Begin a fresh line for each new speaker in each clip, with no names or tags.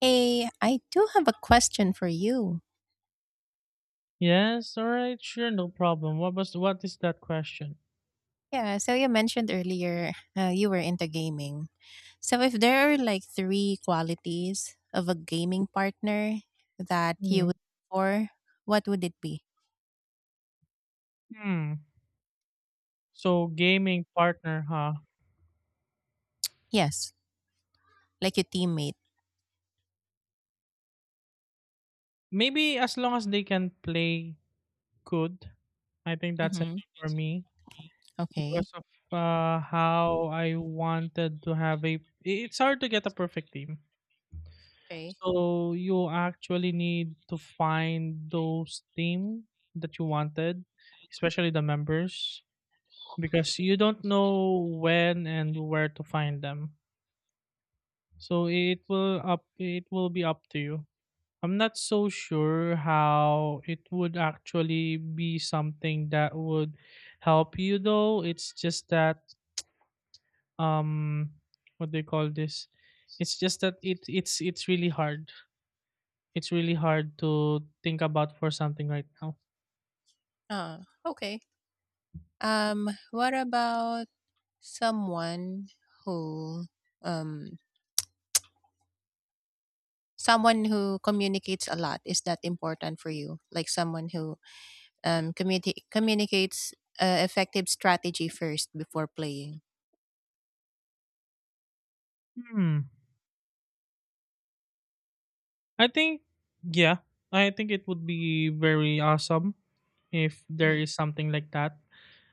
Hey, I do have a question for you.
Yes, all right, sure, no problem. What is that question?
Yeah, so you mentioned earlier you were into gaming. So if there are like three qualities of a gaming partner that you
Mhm.
would look for, what would it be?
Hmm. So gaming partner, huh?
Yes, like your teammate.
Maybe as long as they can play good, I think that's it
Mm-hmm.
for me
Okay.
because of how I wanted to have a. It's hard to get a perfect team,
Okay.
so you actually need to find those team that you wanted, especially the members, because you don't know when and where to find them. So it will be up to you. I'm not so sure how it would actually be something that would help you though. It's just that um what do you call this? It's just that it's really hard. It's really hard to think about for something right now.
Okay. What about someone who um someone who communicates a lot? Is that important for you? Like someone who communicates effective strategy first before playing.
Hmm. I think yeah. I think it would be very awesome if there
Mhm,
is something like that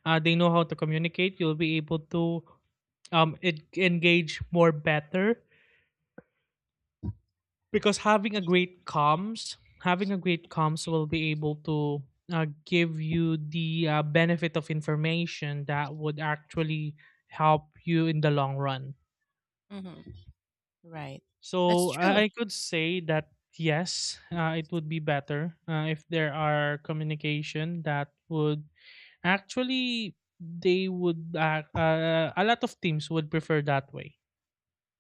they know how to communicate, you'll be able to engage more better because having a great comms will be able to give you the benefit of information that would actually help you in the long run,
mhm. Right. That's
so
true.
I could say that yes, it would be better if there are communication that would actually they would a lot of teams would prefer that way.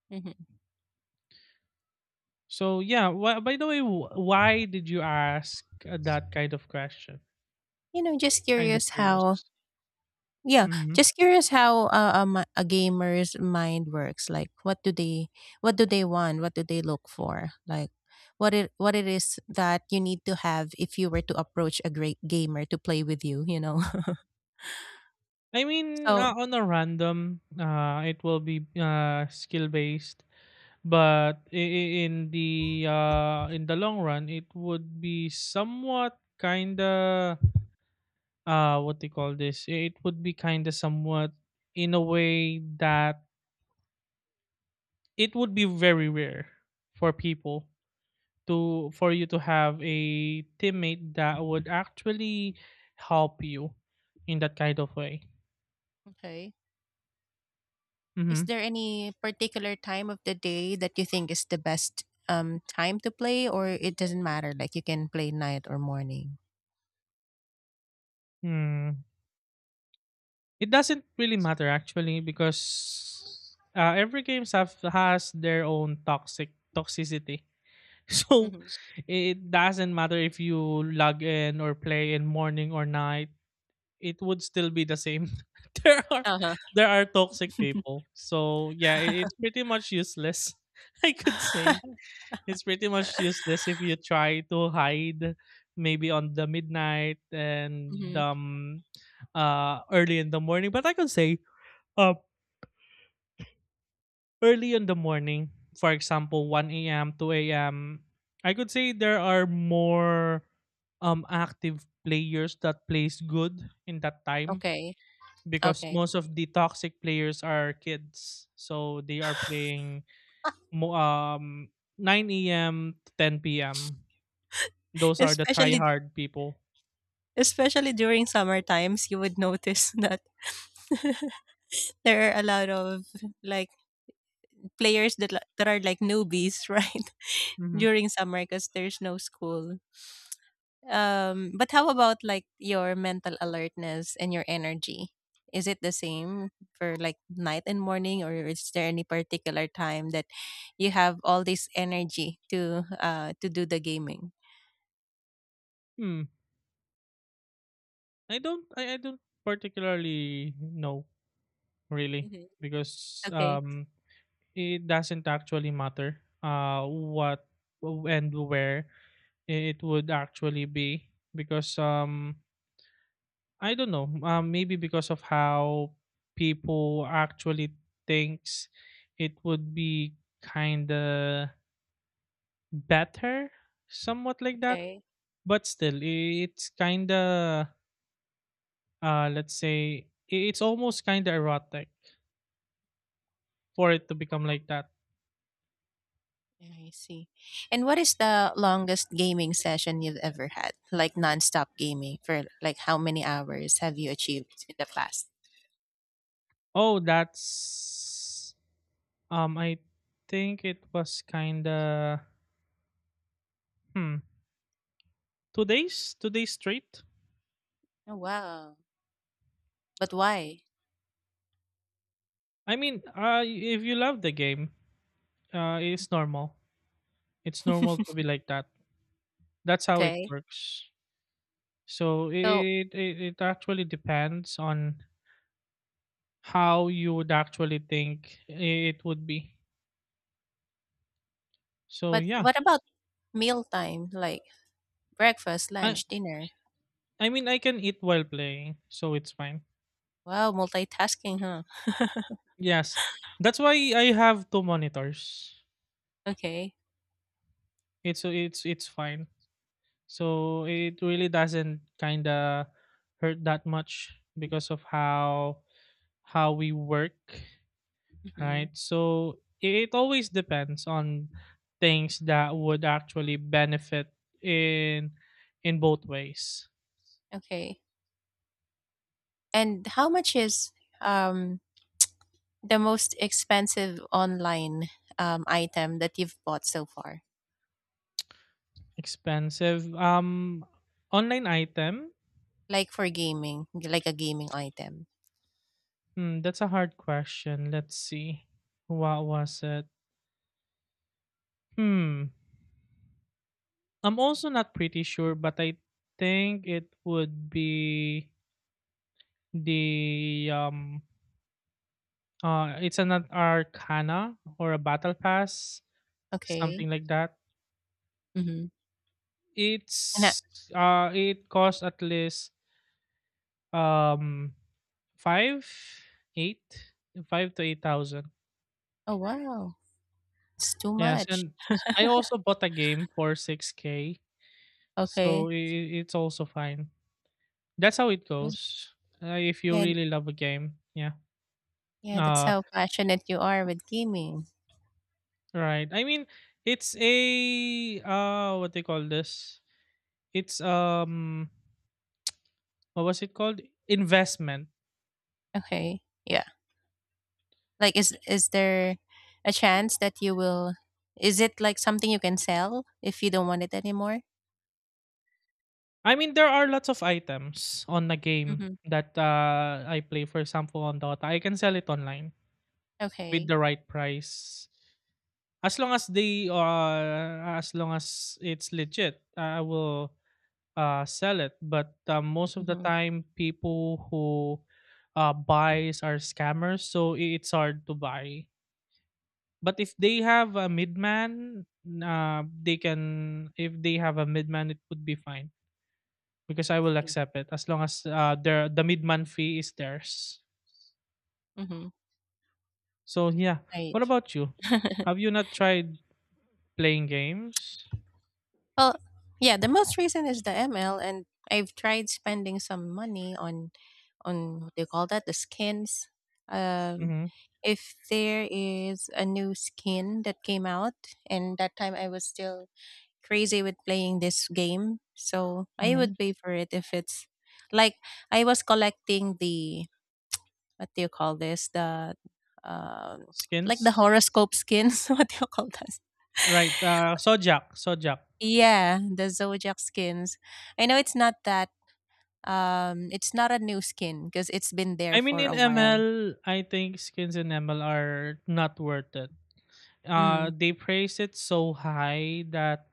hmm
So yeah, by the way, why did you ask that kind of question?
You know, just
Kind of
curious
curious.
how. Yeah,
Hmm.
just curious how a gamer's mind works. Like, what do they want? What do they look for? Like, what it is that you need to have if you were to approach a great gamer to play with you, you know?
I mean,
So,
on a random, it will be skill based, but in the long run, it would be somewhat kind of what they call this. It would be kind of somewhat in a way that it would be very rare for people for you to have a teammate that would actually help you in that kind of way.
okay. Is
Mm-hmm.
there any particular time of the day that you think is the best time to play, or it doesn't matter? Like you can play night or morning.
Hmm. It doesn't really matter actually because every game have has their own toxicity. So
Hmm
it doesn't matter if you log in or play in morning or night. It would still be the same. there are
Uh-huh.
there are toxic people. So yeah, it's pretty much useless. I could say. It's pretty much useless if you try to hide maybe on the midnight and
hmm
early in the morning. But I could say uh early in the morning, for example, 1 a.m., 2 a.m. I could say there are more active players that plays good in that time
Okay.
because
Okay.
most of the toxic players are kids. So they are playing mo- um 9 a.m. to 10 p.m. Those are the try
especially
hard people.
especially during summer times, you would notice that there are a lot of like that are like newbies, right?
Mhm.
During summer because there's no school. But how about like your mental alertness and your energy? Is it the same for like night and morning, or is there any particular time that you have all this energy to do the gaming?
Hmm. I don't particularly know really
Mhm.
because
Okay,
it doesn't actually matter what and where it would actually be because I don't know, maybe because of how people actually thinks it would be kind of better, somewhat like that.
okay.
But still it's kind of let's say it's almost kind of erotic for it to become like that.
I see. And what is the longest gaming session you've ever had? Like nonstop gaming for like how many hours have you achieved in the past?
Oh, that's I think it was kind of hmm two days straight.
Oh wow! But why?
I mean, if you love the game, uh it's normal it's normal to be like that. That's how it
Okay,
works, so
so
it actually depends on how you would actually think it would be. So
but
yeah.
what about mealtime? Like breakfast,
i
lunch, dinner.
I mean, I can eat while playing, so it's fine.
Wow, multitasking, huh?
Yes. That's why I have two monitors.
Okay.
It's fine. So it really doesn't kind of hurt that much because of how we work,
hmm
right? So it always depends on things that would actually benefit in in both ways.
Okay. And how much is um the most expensive online item that you've bought so far?
Expensive online item.
Like for gaming, like a gaming item.
Hmm, that's a hard question. Let's see. What was it? Hmm. I'm also not pretty sure, but I think it would be the it's an arcana or a battle pass,
Okay.
something like that.
Mm-hmm. And I,
It's it costs at least um five, eight, 5 to 8 thousand.
oh wow, it's too
Yes,
much.
and I also bought a game for 6K,
Okay.
so it's also fine. That's how it
Mm.
goes. If you
Yeah,
really love a game, yeah.
yeah, that's
Uh
how passionate you are with gaming.
Right. I mean, it's a what they call this? It's what was it called? Investment.
Okay. Yeah, like is there a chance that you will, is it like something you can sell if you don't want it anymore?
I mean, there are lots of items on the game
Mhm.
that I play, for example, on Dota. I can sell it online with
Okay.
the right price. As long as it's legit, I will sell it. But most of the
Mhm.
time people who buys are scammers, so it's hard to buy. But if they have a midman, they can if they have a midman, it would be fine because I will
See.
accept it as long as the midman fee is theirs.
Mhm.
So yeah. What
Right.
about you? Have you not tried playing games?
Well, yeah, the most recent is the ML and I've tried spending some money on what do you call that? The skins. Um
Mm-hmm.
if there is a new skin that came out and that time I was still crazy with playing this game. So I would
Mm-hmm.
pay for it if it's like I was collecting the what do you call this? The um like the
Skins.
horoscope skins. What do you call this?
Right. Sojak. Sojak.
Yeah, the Zodiac skins. I know it's not that it's not a new skin because it's been there
I mean,
for
in
a while.
ML, I think skins in ML are not worth it.
Mm.
They praise it so high that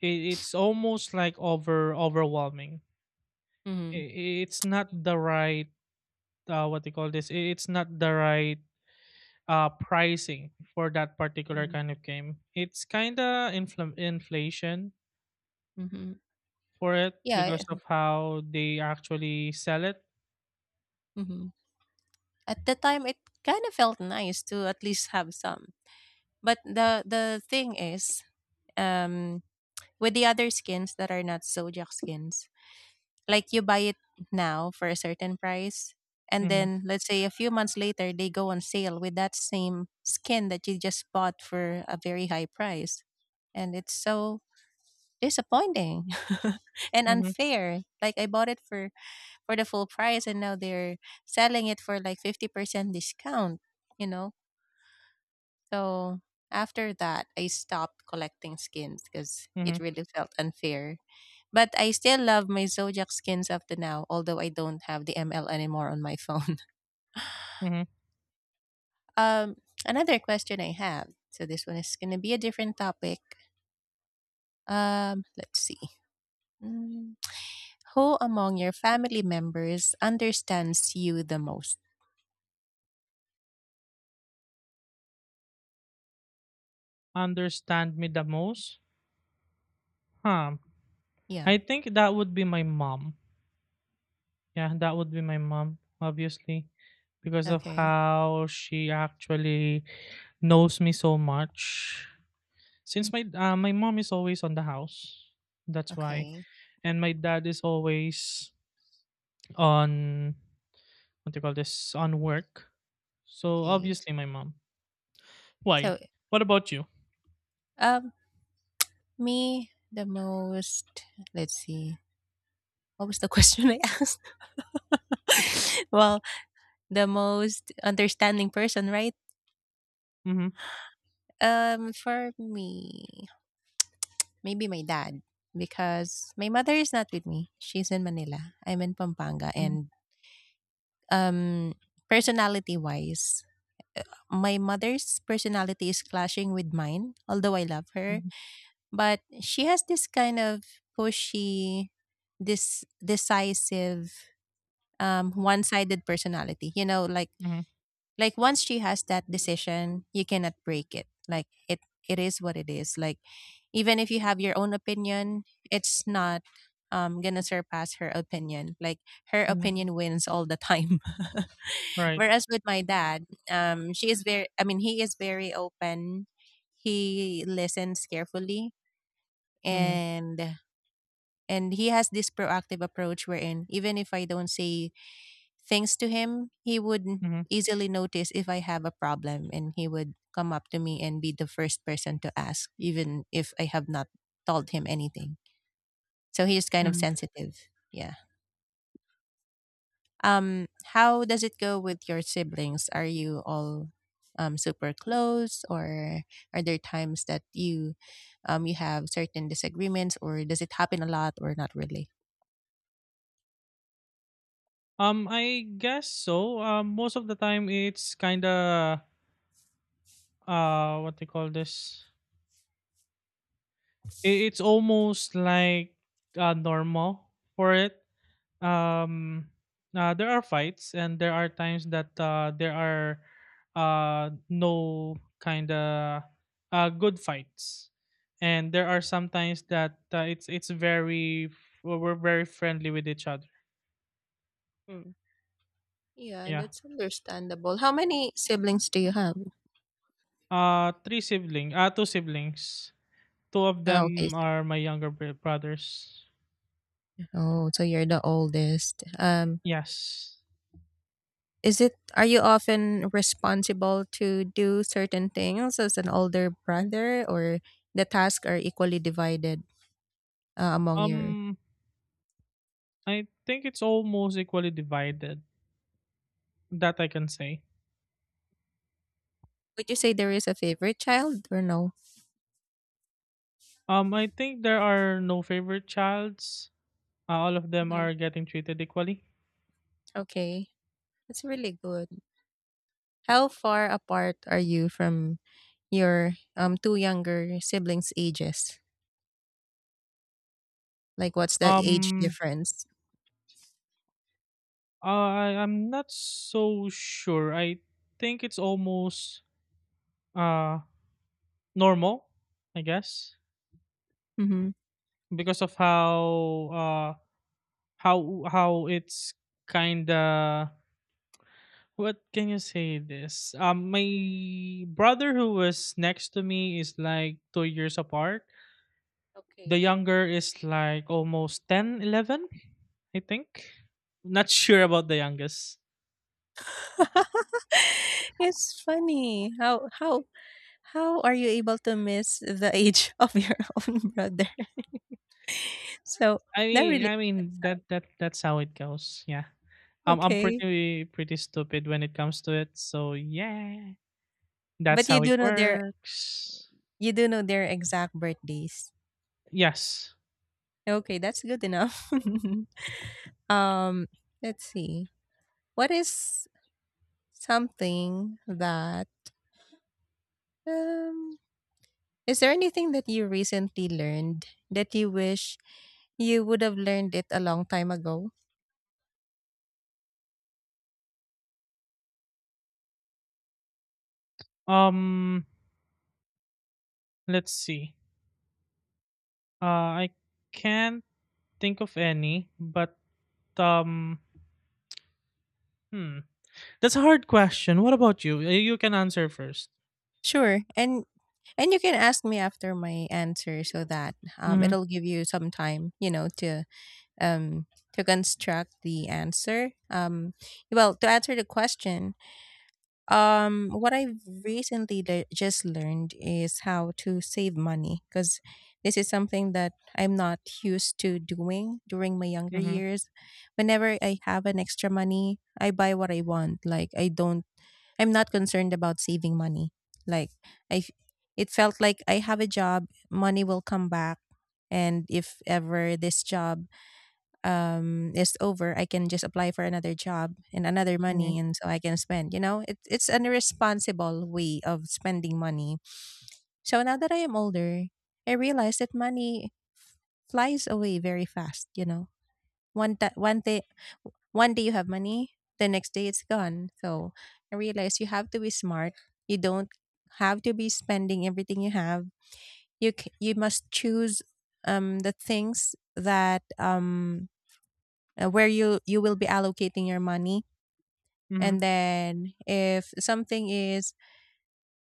it's almost like overwhelming.
Mhm.
It's not the right, what do you call this. It's not the right pricing for that particular
Mm.
kind of game. It's kind of inflation
Mhm.
for it
Yeah.
because of how they actually sell it.
Mm-hmm. At the time it kind of felt nice to at least have some. But the thing is um with the other skins that are not zodiac skins, like you buy it now for a certain price, and
Mm-hmm.
then let's say a few months later they go on sale with that same skin that you just bought for a very high price, and it's so disappointing and
Mm-hmm.
unfair. Like I bought it for the full price and now they're selling it for like 50% discount, you know. So after that, I stopped collecting skins because
Mm-hmm.
it really felt unfair. But I still love my Zodiac skins up to now, although I don't have the ML anymore on my phone.
Mm-hmm.
Um, another question I have. So this one is gonna be a different topic. Let's see. Mm, who among your family members understands you the most?
Understand me the most, huh?
Yeah.
I think that would be my mom. Yeah, that would be my mom, obviously, because of
Okay.
how she actually knows me so much. Since my mom is always on the house, that's why,
Okay.
and my dad is always on, what do you call this, on work. So
Okay.
obviously, my mom. Why?
So,
What about you?
um, me the most. Let's see. What was the question I asked? Well, the most understanding person, right?
Mm-hmm.
For me, maybe my dad because my mother is not with me. She's in Manila. I'm in Pampanga,
Mm-hmm.
and um, personality wise, my mother's personality is clashing with mine. Although I love her,
Mm-hmm.
but she has this kind of pushy, this decisive, one-sided personality. You know, like
Mm-hmm.
Like once she has that decision, you cannot break it. Like it is what it is. Like even if you have your own opinion, it's not gonna surpass her opinion. Like her
Mm-hmm.
opinion wins all the time.
Right.
Whereas with my dad, she is very. I mean, he is very open. He listens carefully,
Mm-hmm.
and and he has this proactive approach wherein even if I don't say. Thanks to him, he would
Mm-hmm.
easily notice if I have a problem and he would come up to me and be the first person to ask, even if I have not told him anything. So he is kind of
Mm-hmm.
sensitive. Yeah. Um, how does it go with your siblings? Are you all super close or are there times that you you have certain disagreements or does it happen a lot or not really?
I guess so. Most of the time it's kinda what they call this. It's almost like normal for it. um there are fights and there are times that there are no kind of good fights, and there are sometimes that it's very we're very friendly with each other.
Yeah,
Yeah.
that's understandable. How many siblings do you have?
Three siblings, two siblings. Two of
Oh, okay.
them
so-
are my younger brothers.
Oh, so you're the oldest.
Yes.
Is it, are you often responsible to do certain things as an older brother or the tasks are equally divided among your.
um I think it's almost equally divided. That I can say.
Would you say there is a favorite child or no?
I think there are no favorite childs. All of them
hmm
are getting treated equally.
Okay. That's really good. How far apart are you from your two younger siblings ages? Like what's the age
Um,
difference?
I'm not so sure. I think it's almost uh normal, I guess,
Mhm.
because of how uh how it's kinda. What can you say this? My brother who was next to me is like 2 years apart. The
Okay.
younger is like almost 10, 11, I think. Not sure about the youngest.
It's funny how are you able to miss the age of your own brother. So
I
that
mean,
really
I mean
makes sense,
that's how it goes. Yeah.
huh?
I'm
Okay,
pretty pretty stupid when it comes to it. So yeah, that's
but
how it works.
you do know their exact birthdays.
Yes.
Okay, that's good enough. Um, let's see. What is something that um is there anything that you recently learned that you wish you would have learned it a long time ago?
Um, let's see. Uh, I can't think of any, but um Hmm. That's a hard question. What about you? You can answer first.
Sure. And you can ask me after my answer so that
Mm-hmm.
it'll give you some time, you know, um to construct the answer. To answer the question, um, what I've just learned is how to save money because this is something that I'm not used to doing during my younger
Mm-hmm.
years. Whenever I have an extra money, I buy what I want. Like I'm not concerned about saving money. Like I, f- it felt like I have a job, money will come back, and if ever this job is over, I can just apply for another job and another
Mm-hmm.
money, and so I can spend, you know. It's an irresponsible way of spending money. So now that I am older, I realize that money flies away very fast, you know. One day, one day you have money, the next day it's gone. So I realize you have to be smart. You don't have to be spending everything you have. You must choose the things that where you will be allocating your money.
Mm-hmm.
And then if something is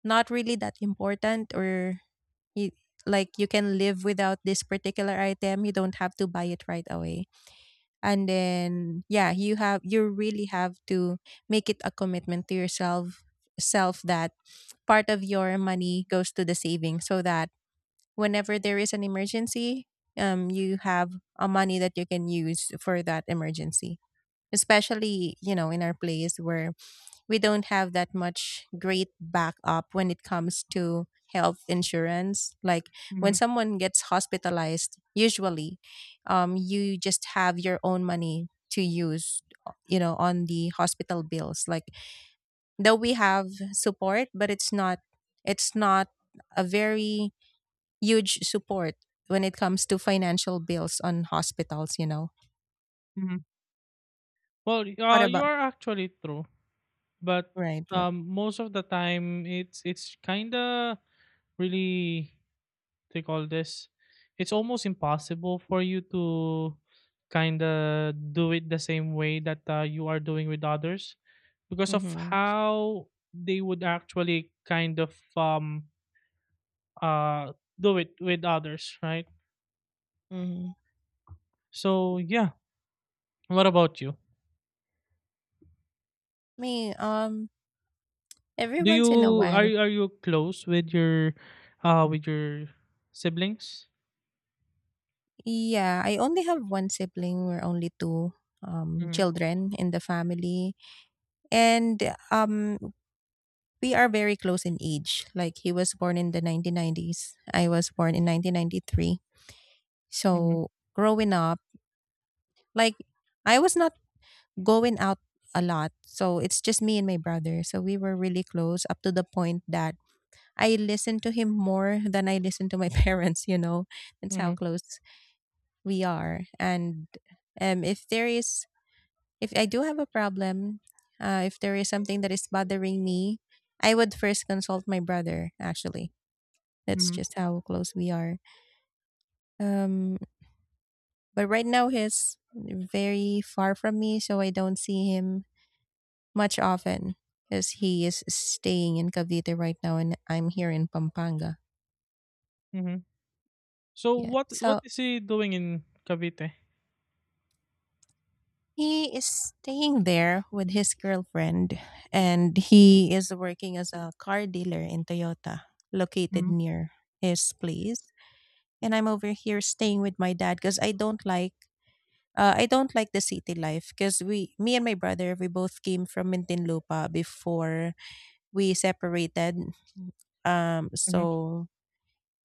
not really that important, or you, like you can live without this particular item, you don't have to buy it right away. And then yeah, you have, you really have to make it a commitment to yourself self that part of your money goes to the savings, so that whenever there is an emergency, you have a money that you can use for that emergency, especially, you know, in our place where we don't have that much great backup when it comes to health insurance. Like when
Mm-hmm.
someone gets hospitalized, usually, you just have your own money to use, you know, on the hospital bills. Like though we have support, but it's not, it's not a very huge support when it comes to financial bills on hospitals, you know.
Hmm. Well,
What
you
about,
are actually true, but
right, right.
most of the time it's kind of really, what do you call this. It's almost impossible for you to kind of do it the same way that you are doing with others because of
mm-hmm.
how they would actually kind of uh do it with others, right?
mm-hmm.
So yeah, what about you?
Me, every
Do
once
you
in a
are
while.
you- are you close with your siblings?
Yeah, I only have one sibling. We're only two
Mm-hmm.
children in the family. And um we are very close in age. Like he was born in the 1990s. I was born in 1993.
Mm-hmm.
So growing up, like I was not going out a lot. So it's just me and my brother. So we were really close up to the point that I listened to him more than I listened to my parents, you know. That's how
Mm-hmm.
close we are, and if there is, if I do have a problem, if there is something that is bothering me, I would first consult my brother, actually. That's
Mm-hmm.
just how close we are. um but right now he's very far from me, so I don't see him much often because he is staying in Cavite right now and I'm here in Pampanga.
Mm-hmm. So
yeah
what
so
is he doing in Cavite?
He is staying there with his girlfriend, and he is working as a car dealer in Toyota, located
Mm-hmm.
near his place. And I'm over here staying with my dad because I don't like, I don't like the city life because we, me and my brother, we both came from Mintinlupa before we separated.
Mm-hmm.
So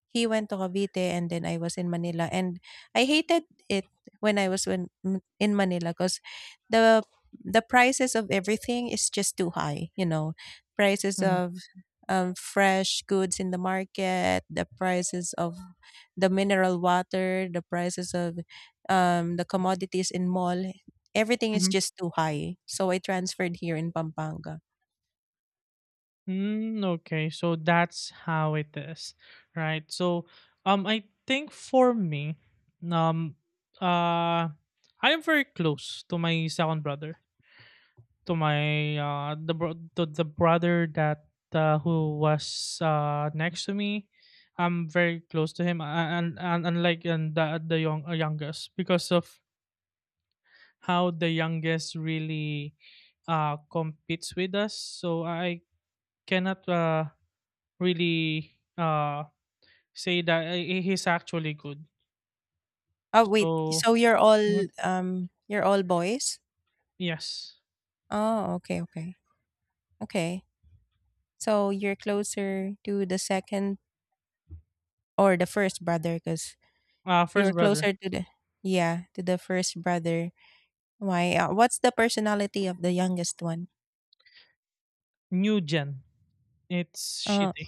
he went to Cavite and then I was in Manila and I hated it when I was when in Manila because the the prices of everything is just too high, you know. Prices
Mm-hmm.
of fresh goods in the market, the prices of the mineral water, the prices of the commodities in mall, everything is
Mm-hmm.
just too high. So I transferred here in Pampanga.
Mm, okay, so that's how it is, right? So I think for me, um uh I am very close to my second brother. To the brother that, who was next to me, I'm very close to him, and unlike and the young, youngest, because of how the youngest really competes with us. So I cannot really uh say that, he's actually good.
Oh wait,
So
so
mhm,
you're all boys?
yes,
Oh, okay, okay. Okay. So you're closer to the second or the first brother because you're
first brother.
closer to the yeah, to the first brother. Why? What's the personality of the youngest one?
New gen, it's
Uh,
shitty.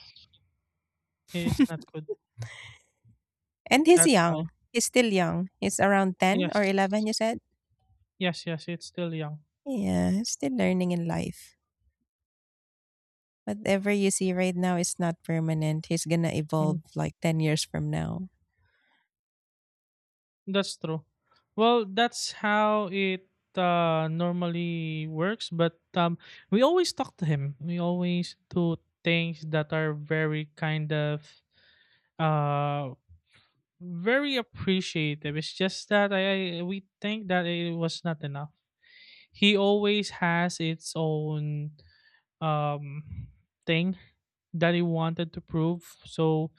It's not good.
and he's
That's why.
young. He's still young. He's around 10 or
Yes.
11, you said?
Yes, yes, it's still young.
Yeah, he's still learning in life. Whatever you see right now is not permanent. He's gonna
Mm,
evolve like 10 years from now.
that's true. Well, that's how it normally works, but we always talk to him. We always do things that are very kind of uh very appreciative. It's just that I we think that it was not enough. He always has its own um thing that he wanted to prove. So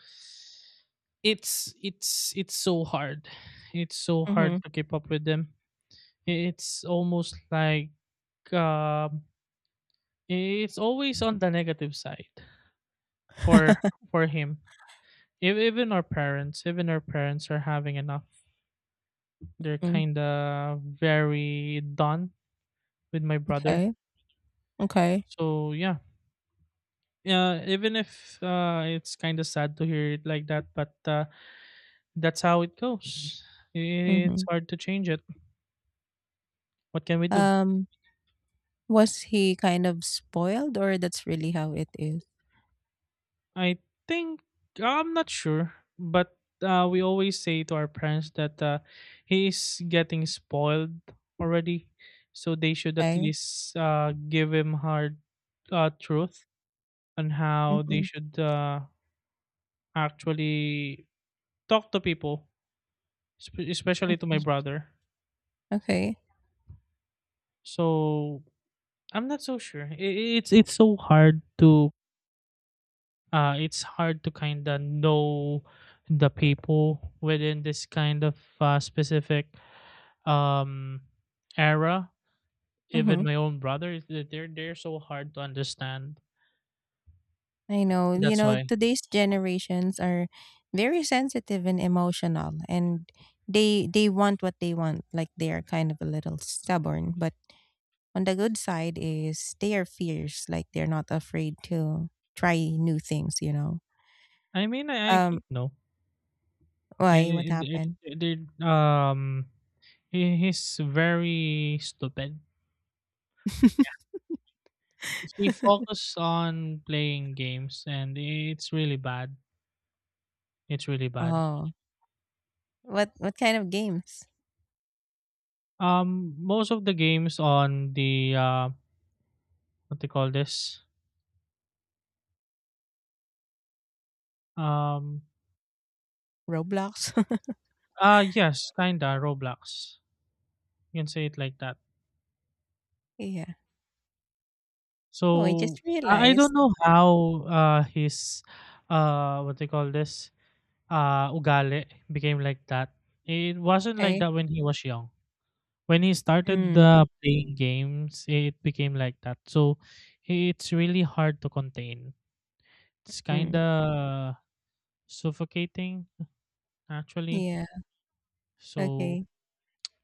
it's so hard. It's so hard
Mhm,
to keep up with them. It's almost like, um, it's always on the negative side for for him. Even our parents are having enough. They're
mm,
kind of very done with my brother.
okay, okay,
So yeah, yeah. Even if, it's kind of sad to hear it like that, but, that's how it goes. It's
mhm.
hard to change it. What can we do?
Um, was he kind of spoiled or that's really how it is?
I think I'm not sure, but we always say to our parents that he is getting spoiled already, so they should at
Okay,
least give him hard truth on how they
mhm,
should actually talk to people, especially to my
okay.
brother.
Okay,
So I'm not so sure. It's so hard to it's hard to kind of know the people within this kind of specific um, era. Even
mhm.
my own brother, is that they're so hard to understand.
I know. You
That's
know,
why.
today's generations are very sensitive and emotional, and they want what they want. Like they are kind of a little stubborn, but on the good side is they are fierce, like they're not afraid to try new things, you know.
I mean, I
Um
think no.
why, what
And
happened?
he's very stupid. He focused on playing games, and it's really bad. It's really bad.
Oh, what kind of games?
Most of the games on the what they call this Um,
Roblox.
yes, kinda Roblox. You can say it like that.
Yeah. Oh, I
So
just
I don't
realized.
know how his what they call this ugali became like that. It wasn't like
Okay.
that when he was young. When he started
Mm,
playing games, it became like that. So it's really hard to contain. It's
mm.
kinda suffocating actually.
Yeah.
So
Okay.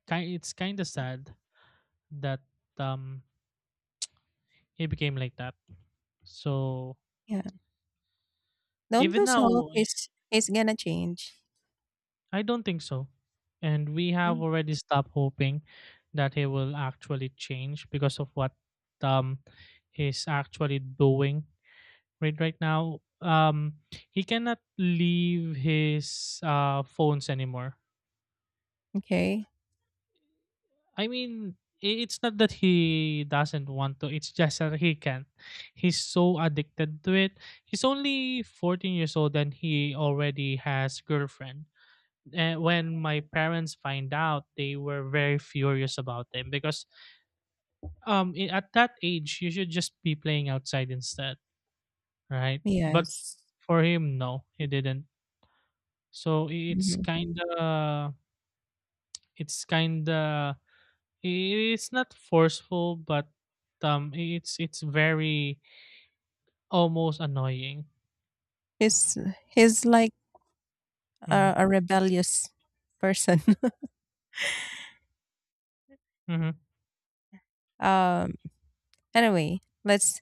it's kinda sad that um he became like that. So
Yeah. Don't
even
lose hope.
now,
He's gonna change.
I don't think so. And we have
Mm.
already stopped hoping that he will actually change because of what um he's actually doing right now. He cannot leave his phones anymore.
Okay.
I mean, it's not that he doesn't want to. It's just that he can't. He's so addicted to it. He's only 14 years old and he already has girlfriend, and when my parents find out they were very furious about them because at that age you should just be playing outside instead, right? But
Yes.
for him, no, he didn't. So it's
Mhm.
kind of, it's kind of, it's not forceful but it's very almost annoying.
He's he's like
Hmm.
a rebellious person.
Hmm.
um. Anyway, let's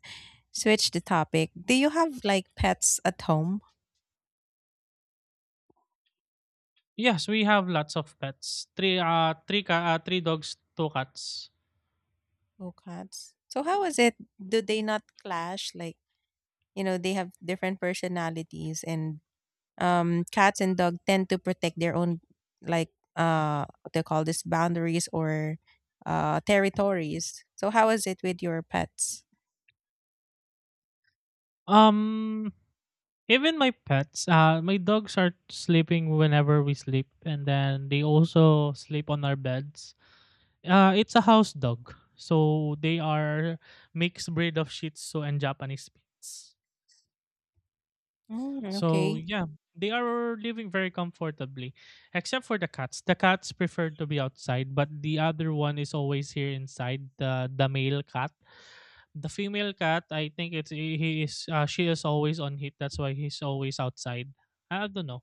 switch the topic. Do you have like pets at home?
Yes, we have lots of pets. Three three dogs, two cats.
Oh, cats. So how is it? Do they not clash? Like you know, they have different personalities, and cats and dog tend to protect their own, like what they call this boundaries or territories. So how is it with your pets?
Um, even my pets, my dogs are sleeping whenever we sleep, and then they also sleep on our beds. It's a house dog, so they are mixed breed of Shih Tzu and Japanese Spitz.
Mm,
So
okay,
yeah, they are living very comfortably, except for the cats. The cats prefer to be outside, but the other one is always here inside. The male cat, the female cat, I think it's he is she is always on heat. That's why he's always outside. I don't know.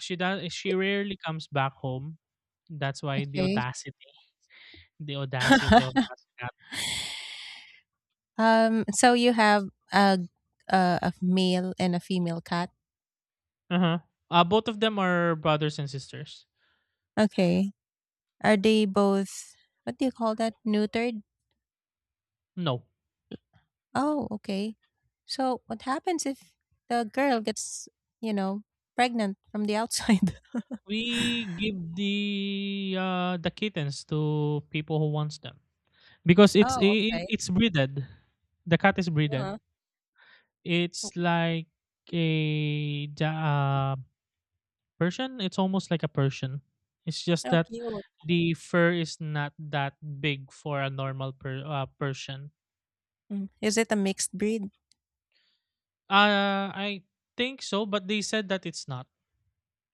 She rarely comes back home. That's why
okay.
the audacity of that cat.
So you have a, a male and a female cat.
Uh-huh. Both of them are brothers and sisters.
Okay, are they both, what do you call that, neutered?
No.
Oh, okay. So what happens if the girl gets, you know, pregnant from the outside?
We give the kittens to people who wants them. Because
Oh, okay.
it's breeded. The cat is breeded.
Uh-huh.
It's like a ja- uh, Persian. It's almost like a Persian. It's just
How
that
cute.
the fur is not that big for a normal Persian.
Mm. Is it a mixed breed?
I think so, but they said that it's not.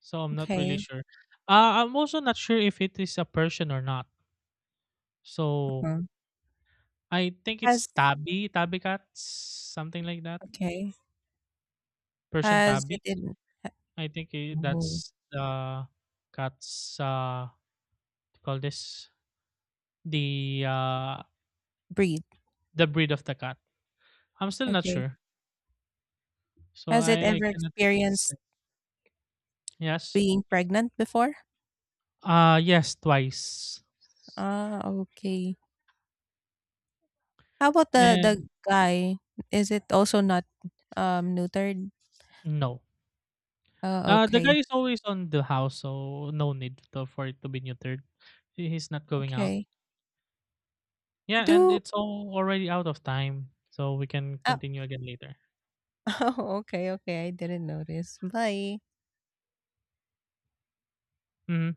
So I'm not really
Okay.
sure. I'm also not sure if it is a Persian or not. So
Uh-huh.
I think it's
Has
Tabi, Tabi cats, something like that.
okay.
Persian
Has it
Tabi.
in ha-
I think
oh,
that's the cat's what you call this the uh
breed?
the breed of the cat. I'm still not
Okay.
sure. So
Has it
I
ever
cannot say.
experienced
Yes.
being pregnant before?
Yes, twice.
Ah, okay. How about the
And
guy? Is it also not neutered?
no. The guy
Okay.
is always on the house, so no need to, for it to be neutered. He's not going out.
Okay.
Yeah, and
Do
it's all already out of time, so we can
uh,
continue again later.
Oh, okay, okay. I didn't notice. Bye.
Hmm.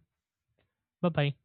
Bye bye.